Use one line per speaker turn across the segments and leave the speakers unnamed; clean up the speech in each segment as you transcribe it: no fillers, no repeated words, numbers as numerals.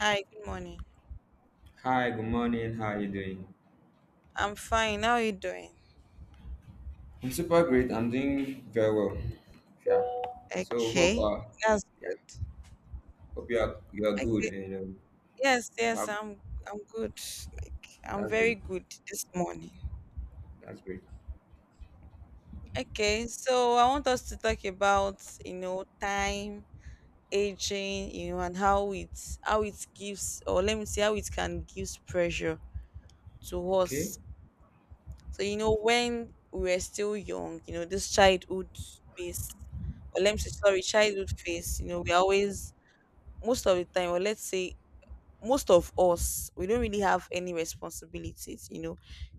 Hi, good morning.
Hi, good morning. How are you doing?
I'm fine. How are you doing?
I'm super great. I'm doing very well. Yeah. So hope
Okay, that's
yeah,
good.
hope you are good
Okay.
and
Yes,
wow,
I'm good. I'm
that's
very
great.
good this morning.
That's great.
Okay, so I want us to talk about, you know, time, aging, you know, and how it gives, or let me see, how it can give pressure to
Okay.
us. So, you know, when we were still young, you know, this childhood phase, or let me say sorry, childhood phase, you know, we always most of the time, or let's say most of us, we don't really have any responsibilities, you know.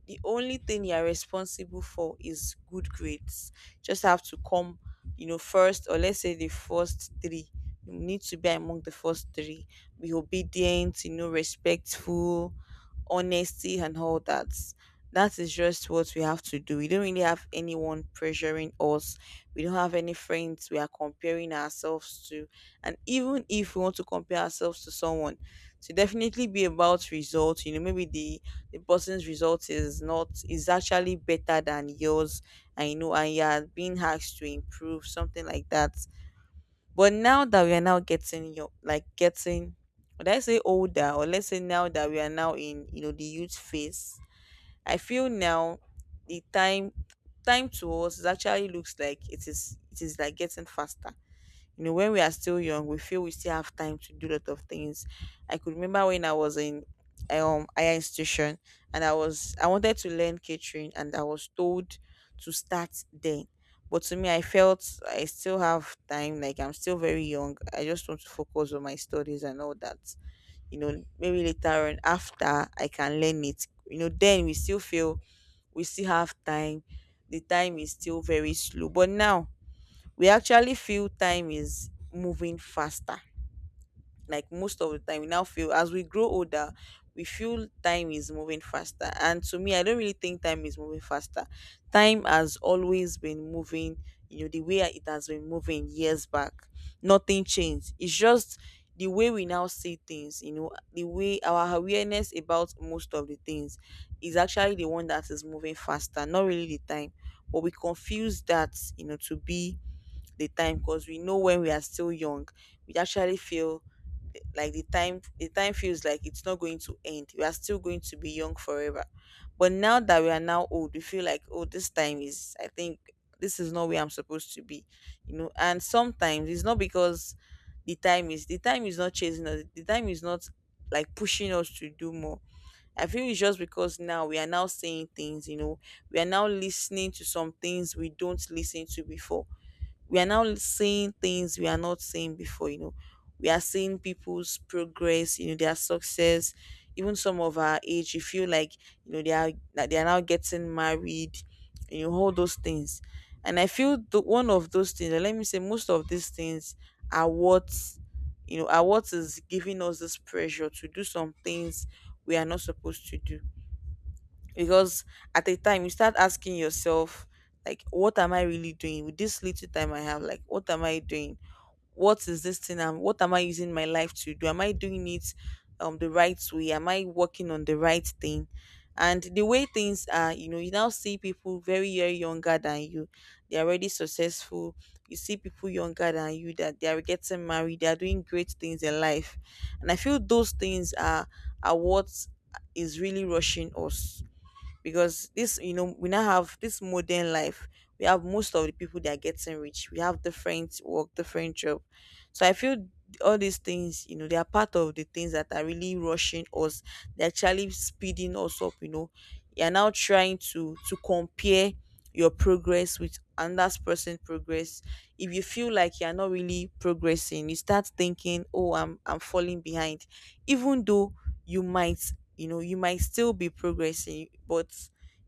The only thing you are responsible for is good grades. Just have to come, you know, first, or let's say the first three. You need to be among the first three, be obedient, you know, respectful, honesty and all that. That is just what we have to do. We don't really have anyone pressuring us. We don't have any friends we are comparing ourselves to, and even if we want to compare ourselves to someone, to definitely be about results, you know. Maybe the person's result is not, is actually better than yours, and you know, and you are being asked to improve, something like that. But now that we are now getting, your like getting, would I say older, or let's say now that we are now in, you know, the youth phase, I feel now the time, time to us is actually, looks like it is, it is like getting faster. You know, when we are still young, we feel we still have time to do a lot of things. I could remember when I was in higher institution, and I was, I wanted to learn catering, and I was told to start then. But to me, I felt I still have time, like I'm still very young. I just want to focus on my studies and all that. You know, maybe later on after I can learn it. You know, then we still feel we still have time. The time is still very slow. But now we actually feel time is moving faster. Like most of the time, we now feel as we grow older, we feel time is moving faster. And to me, I don't really think time is moving faster. Time has always been moving, you know, the way it has been moving years back. Nothing changed. It's just the way we now see things, you know, the way our awareness about most of the things is actually the one that is moving faster, not really the time. But we confuse that, you know, to be the time, because we know when we are still young, we actually feel like the time feels like it's not going to end. We are still going to be young forever. But now that we are now old, we feel like, oh, this time is, I think this is not where I'm supposed to be. You know, and sometimes it's not because the time is not chasing us. The time is not like pushing us to do more. I feel it's just because now we are now saying things, you know, we are now listening to some things we don't listen to before. We are now seeing things we are not seeing before, you know. We are seeing people's progress, you know, their success. Even some of our age, you feel like, you know, they are now getting married, you know, all those things. And I feel the one of those things, or let me say most of these things, are what, you know, are what is giving us this pressure to do some things we are not supposed to do. Because at a time you start asking yourself, like, what am I really doing with this little time I have? Like, what am I doing? What is this thing, and what am I using my life to do? Am I doing it the right way? Am I working on the right thing? And the way things are, you know, you now see people very, very younger than you, they're already successful. You see people younger than you that they are getting married, they are doing great things in life. And I feel those things are what is really rushing us. Because this, you know, we now have this modern life, we have most of the people that are getting rich, we have different work, different job. So I feel all these things, you know, they are part of the things that are really rushing us. They're actually speeding us up, you know. You're now trying to compare your progress with another person's progress. If you feel like you're not really progressing, you start thinking, oh, I'm falling behind. Even though you might, you know, you might still be progressing, but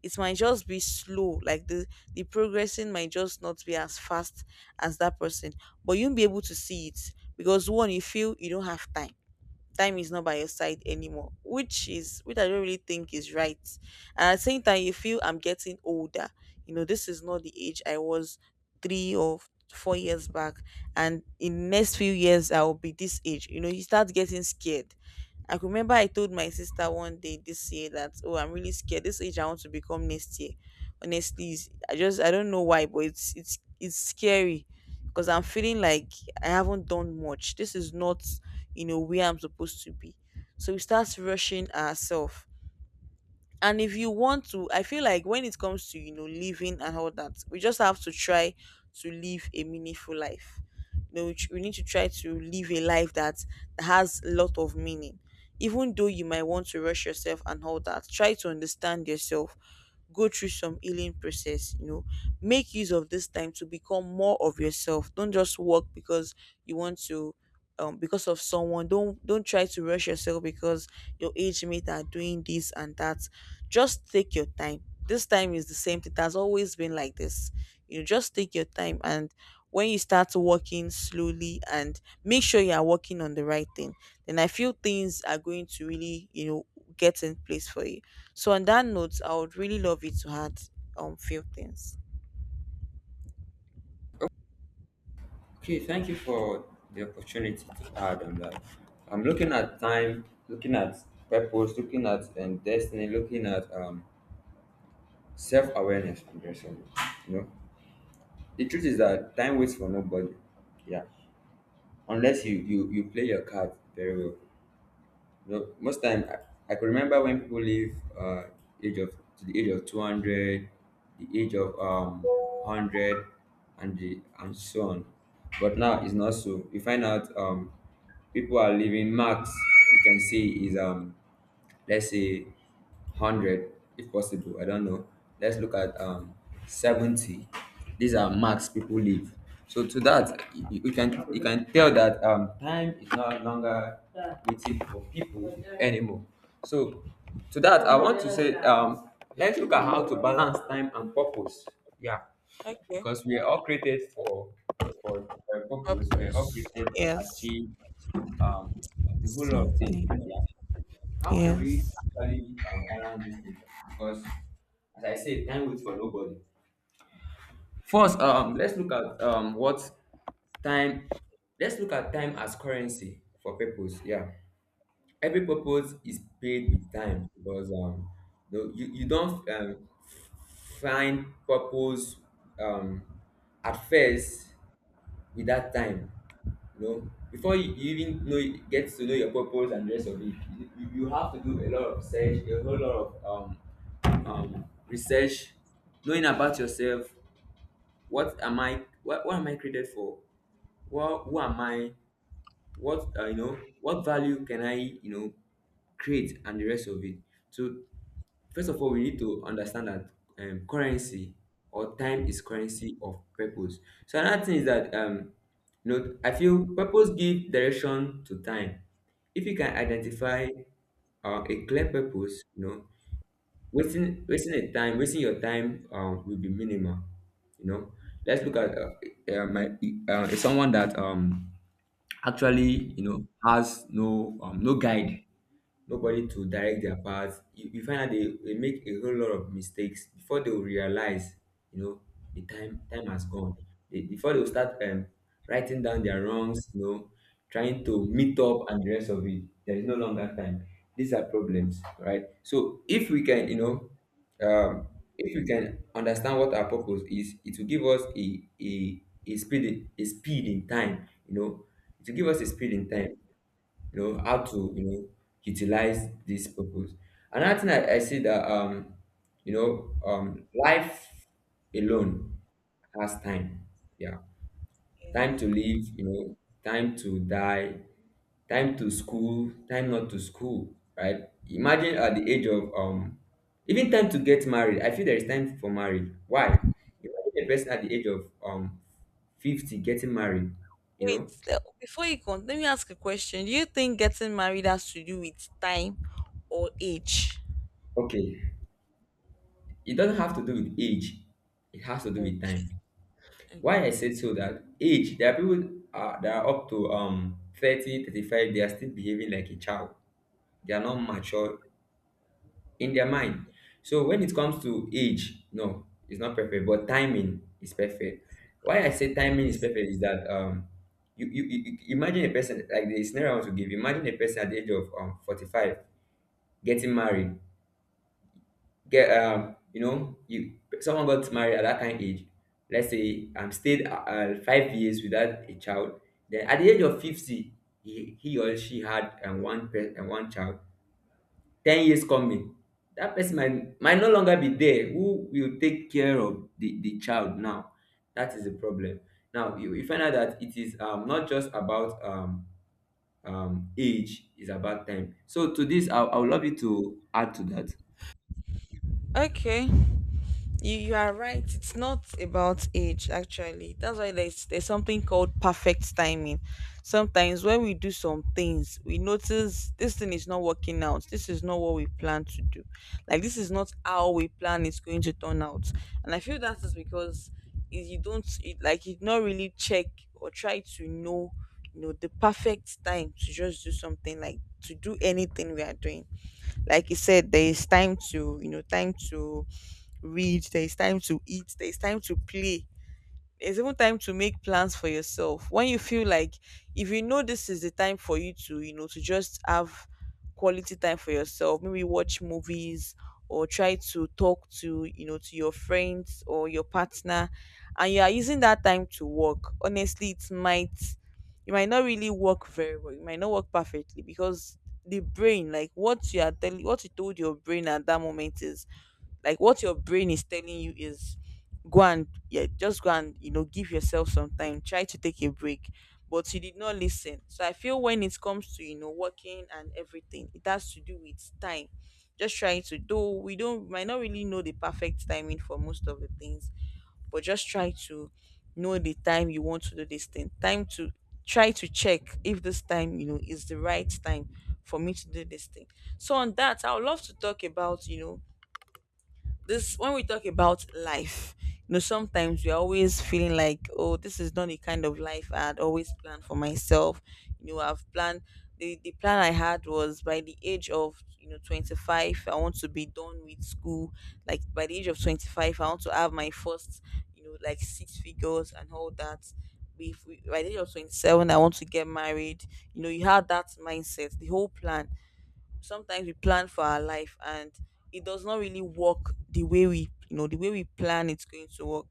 it might just be slow. Like the progressing might just not be as fast as that person. But you'll be able to see it because one, you feel you don't have time. Time is not by your side anymore, which is, which I don't really think is right. And at the same time you feel, I'm getting older. You know, this is not the age I was 3 or 4 years back. And in next few years I will be this age. You know, you start getting scared. I could remember I told my sister one day this year that, oh, I'm really scared this age I want to become next year. Honestly, I just, I don't know why, but it's scary. Because I'm feeling like I haven't done much. This is not, you know, where I'm supposed to be. So we start rushing ourselves. And if you want to, I feel like when it comes to, you know, living and all that, we just have to try to live a meaningful life. You know, we, we need to try to live a life that has a lot of meaning. Even though you might want to rush yourself and all that, try to understand yourself. Go through some healing process, you know. Make use of this time to become more of yourself. Don't just work because you want to, because of someone. Don't try to rush yourself because your age mate are doing this and that. Just take your time. This time is the same thing. It has always been like this. You know, just take your time, and when you start walking slowly and make sure you are walking on the right thing, then I feel things are going to really, you know, get in place for you. So on that note, I would really love you to add few things.
Okay, thank you for the opportunity to add on that. I'm looking at time, looking at purpose, looking at destiny, looking at self-awareness and yourself. You know, the truth is that time waits for nobody. Yeah. Unless you play your cards very well. No, most time I could remember when people live uh age of to the age of 200, the age of hundred, and the and so on. But now it's not so. You find out people are living max. You can see is let's say 100, if possible. I don't know, let's look at 70. These are max people live. So to that you can tell that time is no longer waiting for people anymore. So to that I want to say let's look at how to balance time and purpose. Yeah.
Okay.
Because we are all created for for a purpose. We are all
Purpose.
created to
Yes.
achieve um, a whole lot of things.
Something.
Yeah. How can we
Yes.
actually balance this thing? Because as I said, time waits for nobody. First, let's look at what time. Let's look at time as currency for purpose. Yeah, every purpose is paid with time because no, you don't find purpose um, at first with that time. You know, before you even know get to know your purpose and the rest of it, you have to do a lot of research, a whole lot of research, knowing about yourself. What am I? What am I created for? What Who am I? What value can I, create, and the rest of it? So first of all, we need to understand that currency or time is currency of purpose. So another thing is that I feel purpose give direction to time. If you can identify a clear purpose, wasting your time will be minimal. You know, let's look at my someone that actually has no no guide, nobody to direct their path. You find out they make a whole lot of mistakes before they will realize, you know, the time has gone. Before they will start writing down their wrongs, trying to meet up and the rest of it. There is no longer time. These are problems, right? So if we can, you know, um, if we can understand what our purpose is, it will give us a speed in time. You know, it will give us a speed in time. You know how to utilize this purpose. Another thing I see that life alone has time. Yeah, time to
Yes.
live, you know, time to die, time to school, time not to school, right? Imagine at the age of even time to get married. I feel there is time for marriage. Why? Imagine a person at the age of 50 getting married you
Wait,
know
before you continue, let me ask a question. Do you think getting married has to do with time or age?
okay. It doesn't have to do with age. It has to do with
Okay.
time.
Okay.
Why I said so? That age, there are people that are up to 30, 35, they are still behaving like a child. They are not mature in their mind. So when it comes to age, no, it's not perfect, but timing is perfect. Why I say timing is
Yes.
perfect is that imagine a person, like the scenario I want to give, imagine a person at the age of 45 getting married. Get you know you Someone got married at that kind of age. Let's say stayed 5 years without a child. Then at the age of 50, he or she had one child. 10 years coming, that person might no longer be there. Who will take care of the child now? That is the problem. Now you find out that it is not just about age. It's about time. So to this, I would love you to add to that.
Okay. You are right. It's not about age actually. That's why there's something called perfect timing. Sometimes when we do some things, we notice this thing is not working out. This is not what we plan to do. Like this is not how we plan it's going to turn out. And I feel that is because, you don't it, like you not really check or try to know, you know, the perfect time to just do something, like to do anything we are doing. Like you said, there is time to, you know, time to read, there is time to eat, there is time to play. There's even time to make plans for yourself. When you feel like, if you know this is the time for you to, you know, to just have quality time for yourself, maybe watch movies or try to talk to, you know, to your friends or your partner, and you are using that time to work. Honestly, it might, you might not really work very well. It might not work perfectly, because the brain, like what you are telling, what you told your brain at that moment is, like what your brain is telling you is, go and, yeah, just go and, you know, give yourself some time. Try to take a break. But you did not listen. So I feel when it comes to, you know, working and everything, it has to do with time. Just trying to do, we don't, might not really know the perfect timing for most of the things, but just try to know the time you want to do this thing. Time to try to check if this time, you know, is the right time for me to do this thing. So on that, I would love to talk about this. When we talk about life, sometimes we're always feeling like, "Oh, this is not the kind of life I had always planned for myself." I've planned. The plan I had was, by the age of 25, I want to be done with school. Like, by the age of 25, I want to have my first, like, six figures and all that. Be- by the age of 27, I want to get married. You have that mindset, the whole plan. Sometimes we plan for our life, and it does not really work the way we plan it's going to work.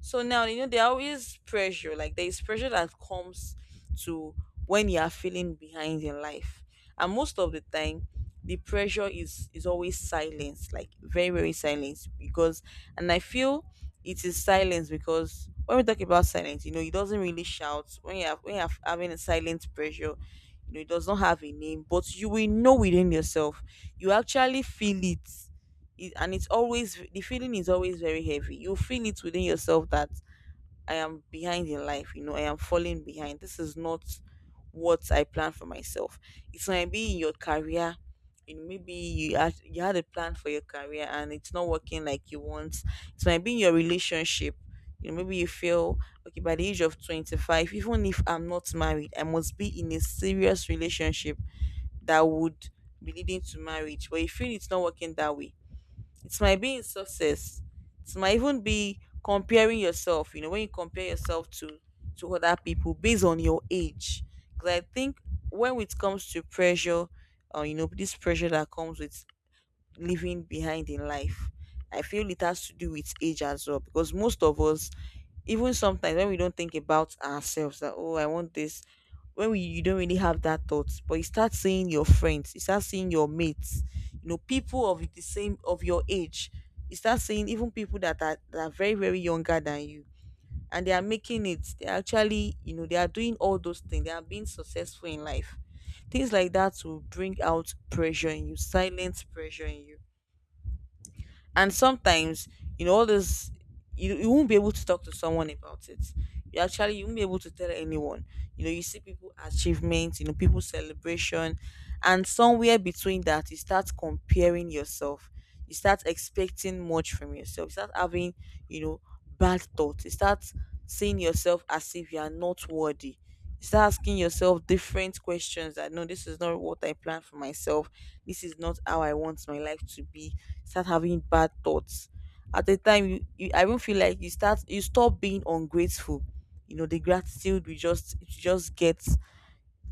So now, there always pressure, like there is pressure that comes to when you are feeling behind in life. And most of the time the pressure is always silence, like very very silence, because, and I feel it is silence. Because when we talk about silence, it doesn't really shout when you have having a silent pressure. It does not have a name, but you will know within yourself. You actually feel it, and it's always, the feeling is always very heavy. You feel it within yourself that I am behind in life, I am falling behind. This is not what I plan for myself. It might be in your career. Maybe you had a plan for your career, and it's not working like you want. It might be in your relationship. Maybe you feel, okay, by the age of 25, even if I'm not married, I must be in a serious relationship that would be leading to marriage. But you feel it's not working that way. It might be in success. It might even be comparing yourself, when you compare yourself to other people based on your age. Because I think, when it comes to pressure, this pressure that comes with living behind in life, I feel it has to do with age as well. Because most of us, even sometimes when we don't think about ourselves that, oh, I want this, when we you don't really have that thought, but you start seeing your friends, you start seeing your mates, people of the same of your age, you start seeing even people that are very very younger than you, and they are making it. They are actually, they are doing all those things. They are being successful in life. Things like that will bring out pressure in you, silent pressure in you. And sometimes, all this, you won't be able to talk to someone about it. You actually, you won't be able to tell anyone. You see people achievements, people celebration. And somewhere between that, you start comparing yourself. You start expecting much from yourself. You start having, you know bad thoughts. You start seeing yourself as if you are not worthy. You start asking yourself different questions that, no, this is not what I planned for myself, this is not how I want my life to be. Start having bad thoughts. At the time you. I even feel like you stop being ungrateful. The gratitude, we just, it just get,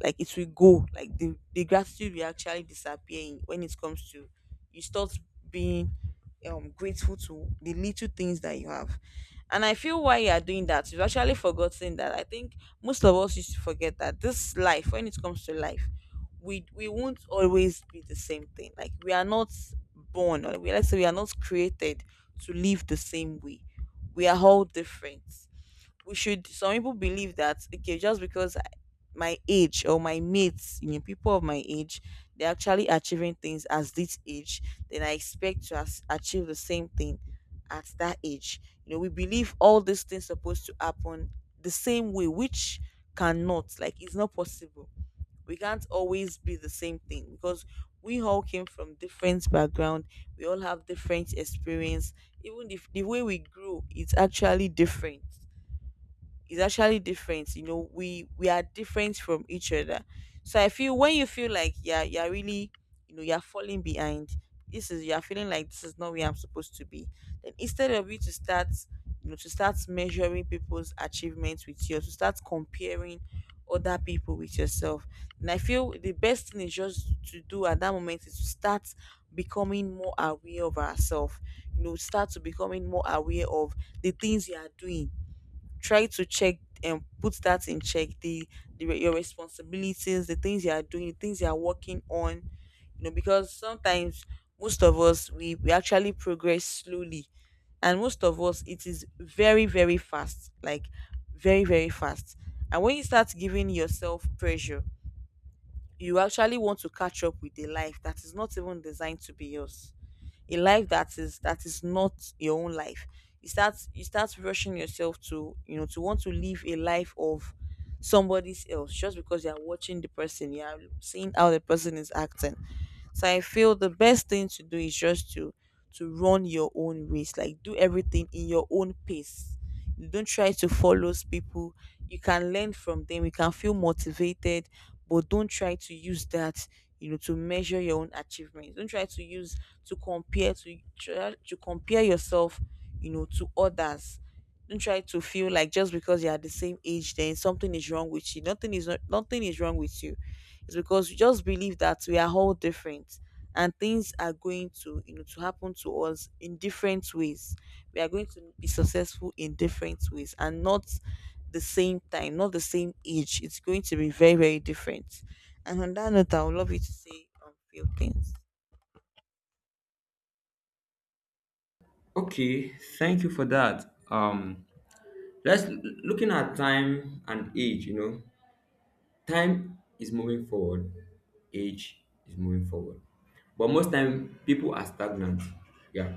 like it will go, like the gratitude will actually disappear in, when it comes to, you start being grateful to the little things that you have. And I feel, why you are doing that, you've actually forgotten that. I think most of us used to forget that, this life, when it comes to life, we won't always be the same thing. Like we are not born, or, we, let's say, we are not created to live the same way. We are all different. We should some people believe that, okay, just because my age or my mates, people of my age, they're actually achieving things as this age, then I expect to achieve the same thing at that age. We believe all these things supposed to happen the same way, which cannot, like it's not possible. We can't always be the same thing, because we all came from different background, we all have different experience. Even if the way we grew, it's actually different, is actually different. We are different from each other. So I feel, when you feel like, yeah, you're really, you're falling behind, this is, you're feeling like, this is not where I'm supposed to be. Then instead of you to start, to start measuring people's achievements with yours, to start comparing other people with yourself, and I feel the best thing is just to do at that moment is to start becoming more aware of ourselves. Start to becoming more aware of the things you are doing. Try to check and put that in check, your responsibilities, the things you are doing, the things you are working on. Because sometimes most of us, we actually progress slowly, and most of us it is very very fast, like very very fast. And when you start giving yourself pressure, you actually want to catch up with a life that is not even designed to be yours, a life that is not your own life. You start rushing yourself to, to want to live a life of somebody else, just because you're watching the person, you're seeing how the person is acting. So I feel the best thing to do is just to run your own race, like do everything in your own pace. You Don't try to follow people. You can learn from them. You can feel motivated, but don't try to use that, to measure your own achievements. Don't try to use to compare, to try to compare yourself, to others. Don't try to feel like just because you are the same age, then something is wrong with you. Nothing is not, nothing is wrong with you. It's because you just believe that we are all different, and things are going to, to happen to us in different ways, we are going to be successful in different ways, and not the same time, not the same age, it's going to be very very different. And on that note, I would love you to say a few things.
Okay, thank you for that. Let's looking at time and age. You know, time is moving forward, age is moving forward, but most time people are stagnant. Yeah,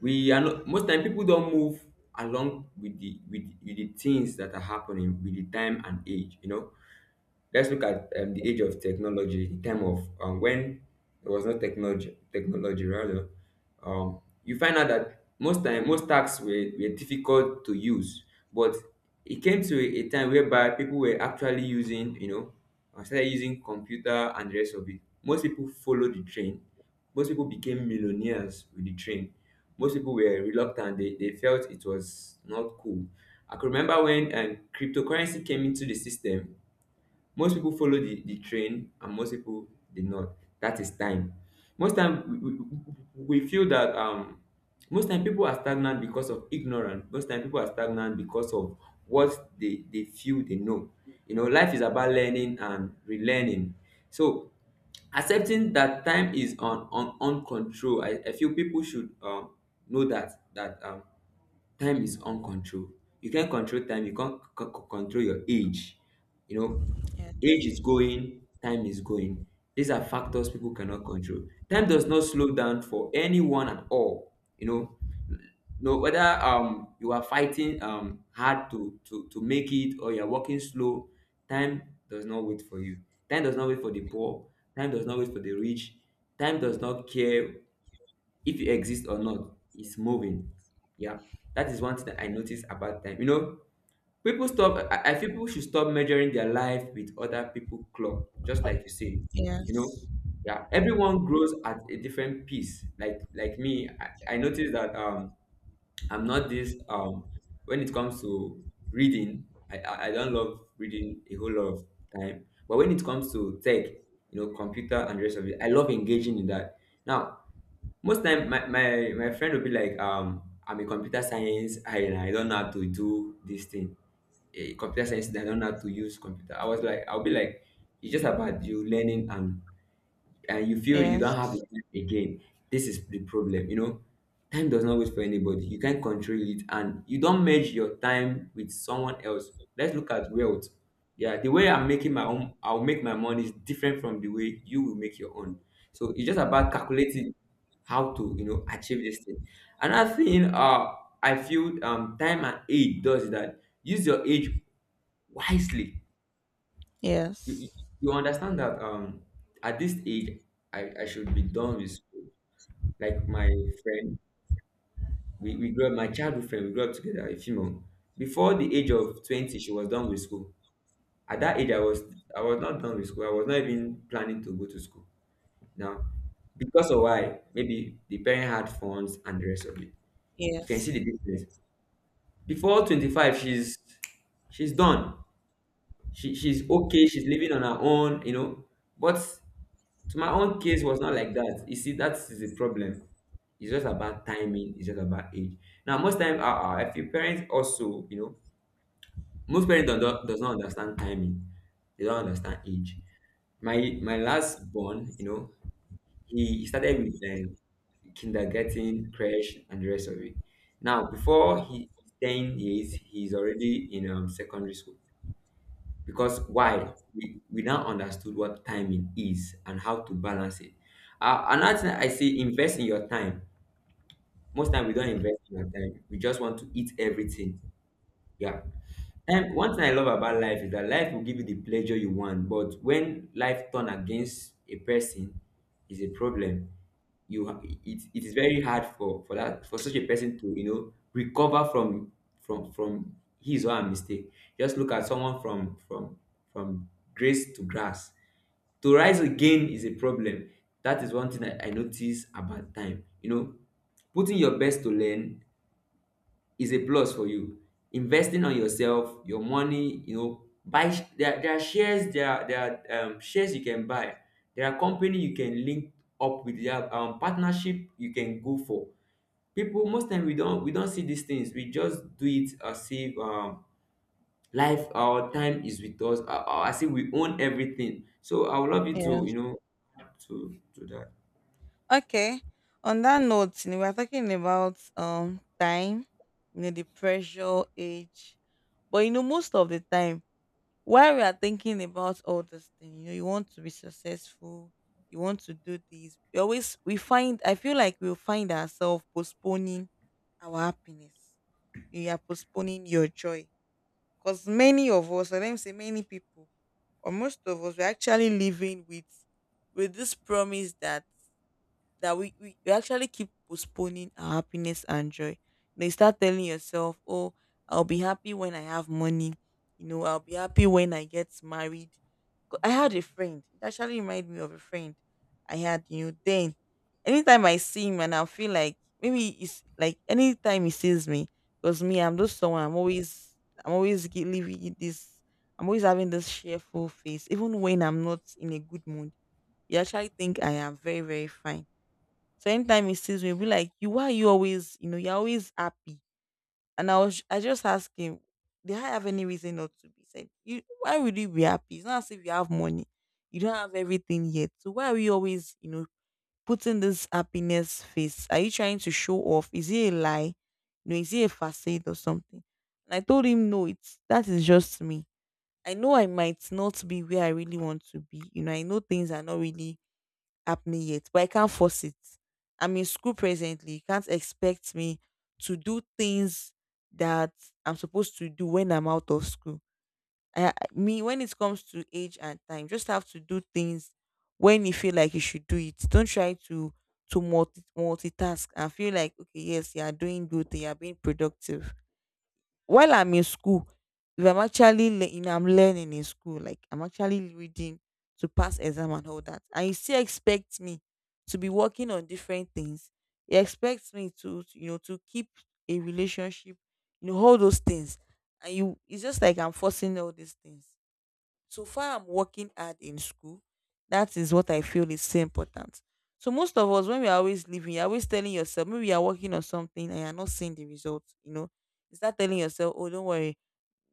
we are not. Most time people don't move along with the things that are happening with the time and age. You know, let's look at the age of technology, the time of when there was no technology, technology rather. You find out that most time most tasks were difficult to use, but it came to a time whereby people were actually started using computer and the rest of it. Most people followed the train. Most people became millionaires with the train. Most people were reluctant. They felt it was not cool. I could remember when cryptocurrency came into the system. Most people follow the train and most people did not. That is time. Most time we feel that most time people are stagnant because of ignorance. Most time people are stagnant because of what they feel they know. You know, life is about learning and relearning. So accepting that time is on control. I feel people should know that time is own. You can't control time, you can't control your age. You know, age
Yes.
is going, time is going. These are factors people cannot control. Time does not slow down for anyone at all. No, whether you are fighting hard to make it or you're working slow, time does not wait for you. Time does not wait for the poor. Time does not wait for the rich. Time does not care if you exist or not. Is moving. Yeah, that is one thing that I noticed about time. You know, people stop. I feel people should stop measuring their life with other people' clock, just like you say. You know,
Yes.
yeah, everyone grows at a different pace. Like me, I noticed that I'm not this when it comes to reading. I don't love reading a whole lot of time, but when it comes to tech, you know, computer and the rest of it, I love engaging in that. Now, most time my friend will be like, I'm a computer science, I don't know how to do this thing. A computer science, I don't know how to use computer. I'll be like, it's just about you learning and you feel you don't have the
Yes.
time again. This is the problem, you know. Time does not wait for anybody. You can't control it, and you don't merge your time with someone else. Let's look at wealth. Yeah, the way I'm making my own, I'll make my money is different from the way you will make your own. So it's just about calculating how to, achieve this thing. Another thing, I feel time and age does that. Use your age wisely. you, you
Yes.
you understand that at this age I should be done with school. Like my friend, we grew up, my childhood friend, we grew up together, a female. Before the age of 20, she was done with school. At that age I was not done with school. I was not even planning to go to school. Now, because of why, maybe the parent had funds and the rest of it. You can see
Yes.
the difference. Before 25, she's done. She's okay, she's living on her own, you know. But So my own case was not like that. You see, that is the problem. It's just about timing. It's just about age. Now, most time, if your parents also, most parents don't, does not understand timing. They don't understand age. My my last born, he started with kindergarten, crash, and the rest of it. Now, before he 10 years, he's already in secondary school, because why, we now understood what timing is and how to balance it. Another thing I say, invest in your time. Most time we don't invest in our time. We just want to eat everything. Yeah. And one thing I love about life is that life will give you the pleasure you want, but when life turn against a person is a problem. It is very hard for such a person to recover from his or her mistake. Just look at someone from grace to grass. To rise again is a problem. That is one thing I notice about time. You know, putting your best to learn is a plus for you. Investing on yourself, your money, buy sh- there are shares, there are shares you can buy. There are company you can link up with. There are partnership you can go for. People most time we don't see these things. We just do it as if life our time is with us. As if we own everything. So I would love you to you
Yes.
know to do that.
Okay. On that note, we're talking about time, the pressure, age. But, most of the time, while we are thinking about all this thing, you want to be successful, you want to do this. We always we find I feel like we'll find ourselves postponing our happiness. You are postponing your joy. Because many of us, or let me say, many people, or most of us, we're actually living with this promise that we actually keep postponing our happiness and joy. You start telling yourself, "Oh, I'll be happy when I have money. I'll be happy when I get married." 'Cause I had a friend. It actually reminded me of a friend I had, then. Anytime I see him, and I feel like maybe it's like anytime he sees me, because me, I'm just someone, I'm always living this, I'm always having this cheerful face. Even when I'm not in a good mood, you actually think I am very, very fine. So anytime he sees me, he'll be like, "You, why are you always, you're always happy?" And I was, I just asked him, "Did I have any reason not to be?" He said, "You, why would you be happy? It's not as if you have money. You don't have everything yet. So why are you always, putting this happiness face? Are you trying to show off? Is it a lie? Is it a facade or something?" And I told him, "No, it's that is just me. I know I might not be where I really want to be. I know things are not really happening yet, but I can't force it. I'm in school presently. You can't expect me to do things that I'm supposed to do when I'm out of school. Me, when it comes to age and time, just have to do things when you feel like you should do it. Don't try to multitask and feel like, okay, yes, you are doing good, you are being productive. While I'm in school, if I'm actually I'm learning in school, like I'm actually reading to pass exam and all that, and you still expect me to be working on different things." You expect me to, to keep a relationship, all those things, and you, it's just like I'm forcing all these things so far I'm working hard in school. That is what I feel is so important. So most of us, when we are always living, you're always telling yourself, maybe you are working on something and you're not seeing the result, you know. You start telling yourself, oh, don't worry,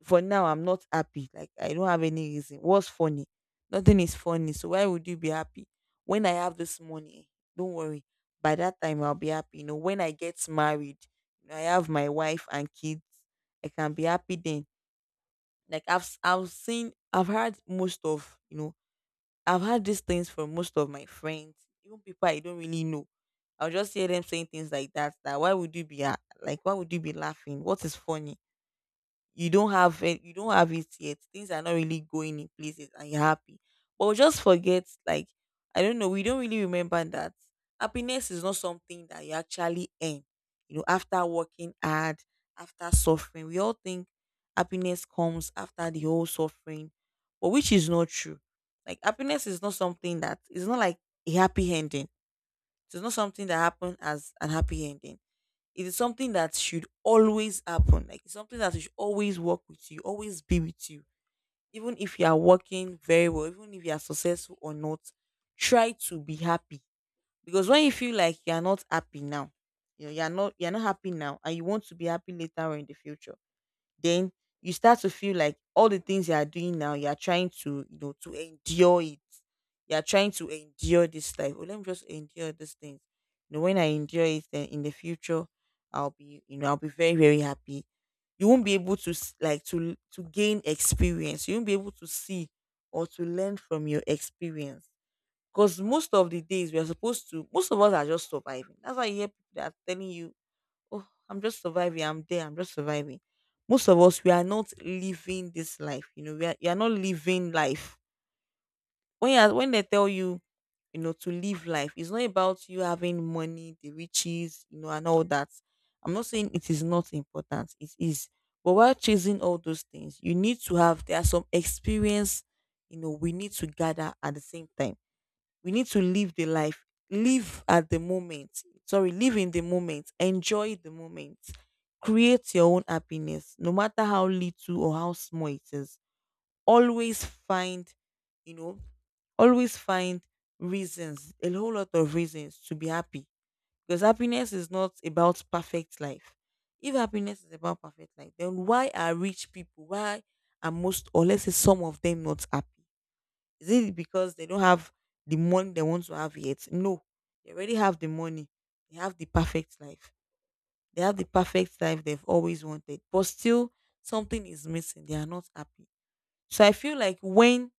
for now I'm not happy. Like I don't have any reason. What's funny? Nothing is funny. So why would you be happy? When I have this money, don't worry. By that time I'll be happy. You know, when I get married, I have my wife and kids, I can be happy then like I've heard these things from most of my friends, even people I don't really know. I'll just hear them saying things like that. Why would like why would you be laughing? What is funny? You don't have it, you don't have it yet. Things are not really going in places and you're happy. But we just forget, I don't know, we don't really remember that happiness is not something that you actually earn. You know, after working hard, after suffering, we all think happiness comes after the whole suffering, but which is not true. Like happiness is not something that it's not like a happy ending. It's not something that happened as an happy ending, it is something that should always happen. Like it's something that should always work with you, always be with you. Even if you are working very well, even if you are successful or not, try to be happy. Because when you feel like you are not happy now, you are not happy now and you want to be happy later or in the future, then you start to feel like all the things you are doing now, you are trying to, to endure it. You are trying to endure this life. Oh, let me just endure this thing. You know, when I endure it, then in the future, I'll be, I'll be very, very happy. You won't be able like to gain experience. You won't be able to see or to learn from your experience. Because most of the days we are supposed to, most of us are just surviving. That's why you hear people that are telling you, oh, I'm just surviving. I'm there. I'm just surviving. Most of us, we are not living this life. You know, you are not living life. When you when they tell you, to live life, it's not about you having money, the riches, and all that. I'm not saying it is not important. It is. But while chasing all those things, you need to have, there are some experience, we need to gather. At the same time we need to live the life, live at the moment. Sorry, live in the moment, enjoy the moment, create your own happiness, no matter how little or how small it is. Always find, you know, always find reasons, a whole lot of reasons to be happy. Because happiness is not about perfect life. If happiness is about perfect life, then why are rich people, why are most, or let's say some of them, not happy? Is it because they don't have the money they want to have yet? No. They already have the money. They have the perfect life. They have the perfect life they've always wanted. But still, something is missing. They are not happy. So I feel like when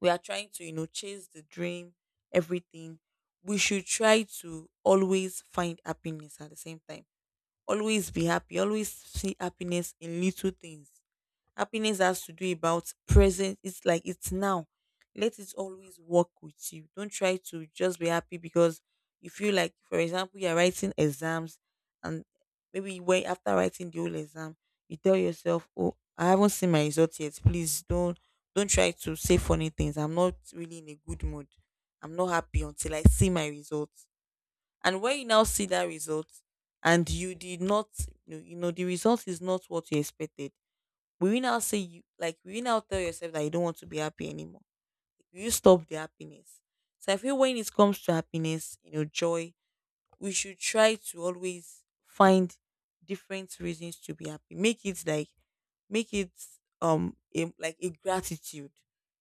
we are trying to, chase the dream, everything, we should try to always find happiness at the same time. Always be happy. Always see happiness in little things. Happiness has to do about present. It's like it's now. Let it always work with you. Don't try to just be happy because you feel like, for example, you're writing exams, and maybe when after writing the whole exam, you tell yourself, oh, I haven't seen my results yet. Please don't try to say funny things. I'm not really in a good mood. I'm not happy until I see my results. And when you now see that result and you did not, you know, the result is not what you expected, will you now tell yourself that you don't want to be happy anymore? Like, will you stop the happiness? So I feel when it comes to happiness, joy, we should try to always find different reasons to be happy. Make it a, like a gratitude.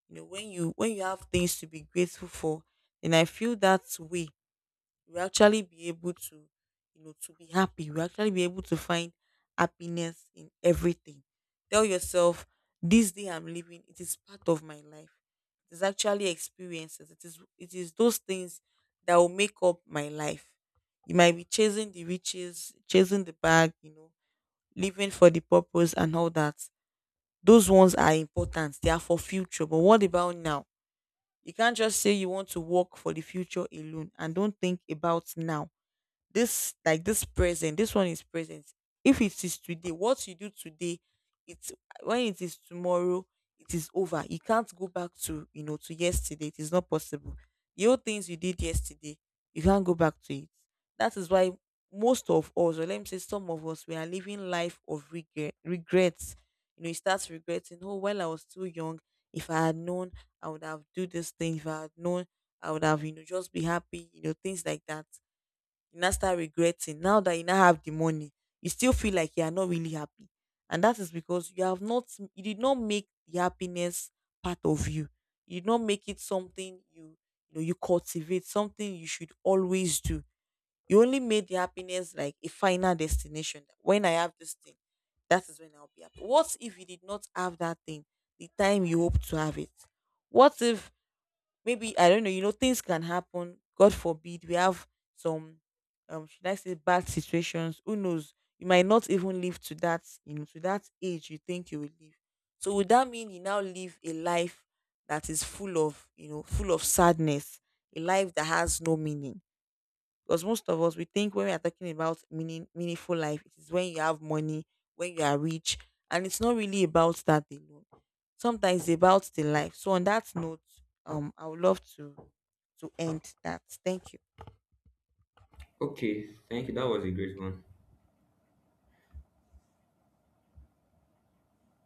You know, when you have things to be grateful for, and I feel that way we actually be able to, to be happy, we actually be able to find happiness in everything. Tell yourself, this day I'm living it is part of my life. It is actually experiences, it is those things that will make up my life. You might be chasing the riches, chasing the bag, you know, living for the purpose and all that. Those ones are important, they are for future, but what about now? You can't just say you want to work for the future alone and don't think about now. This present, this one is present. If it is today, what you do today, it's, when it is tomorrow, it is over. You can't go back to, to yesterday. It is not possible. The old things you did yesterday, you can't go back to it. That is why most of us, or let me say some of us, we are living life of regrets. You know, you start regretting, oh, while I was too young, if I had known, I would have do this thing. If I had known, I would have, just be happy, things like that, you now start regretting. Now that you now have the money, you still feel like you are not really happy. And that is because you did not make the happiness part of you. You did not make it something you, you know you cultivate, something you should always do. You only made the happiness like a final destination. When I have this thing, that is when I'll be happy. What if you did not have that thing the time you hope to have it? What if, maybe I don't know, things can happen. God forbid we have some, should I say bad situations. Who knows? You might not even live to that, to that age you think you will live. So would that mean you now live a life that is full of, full of sadness, a life that has no meaning? Because most of us, we think when we are talking about meaningful life, it is when you have money, when you are rich, and it's not really about that alone. Sometimes it's about the life. So on that note, I would love to end that. Thank you.
Okay, thank you. That was a great one.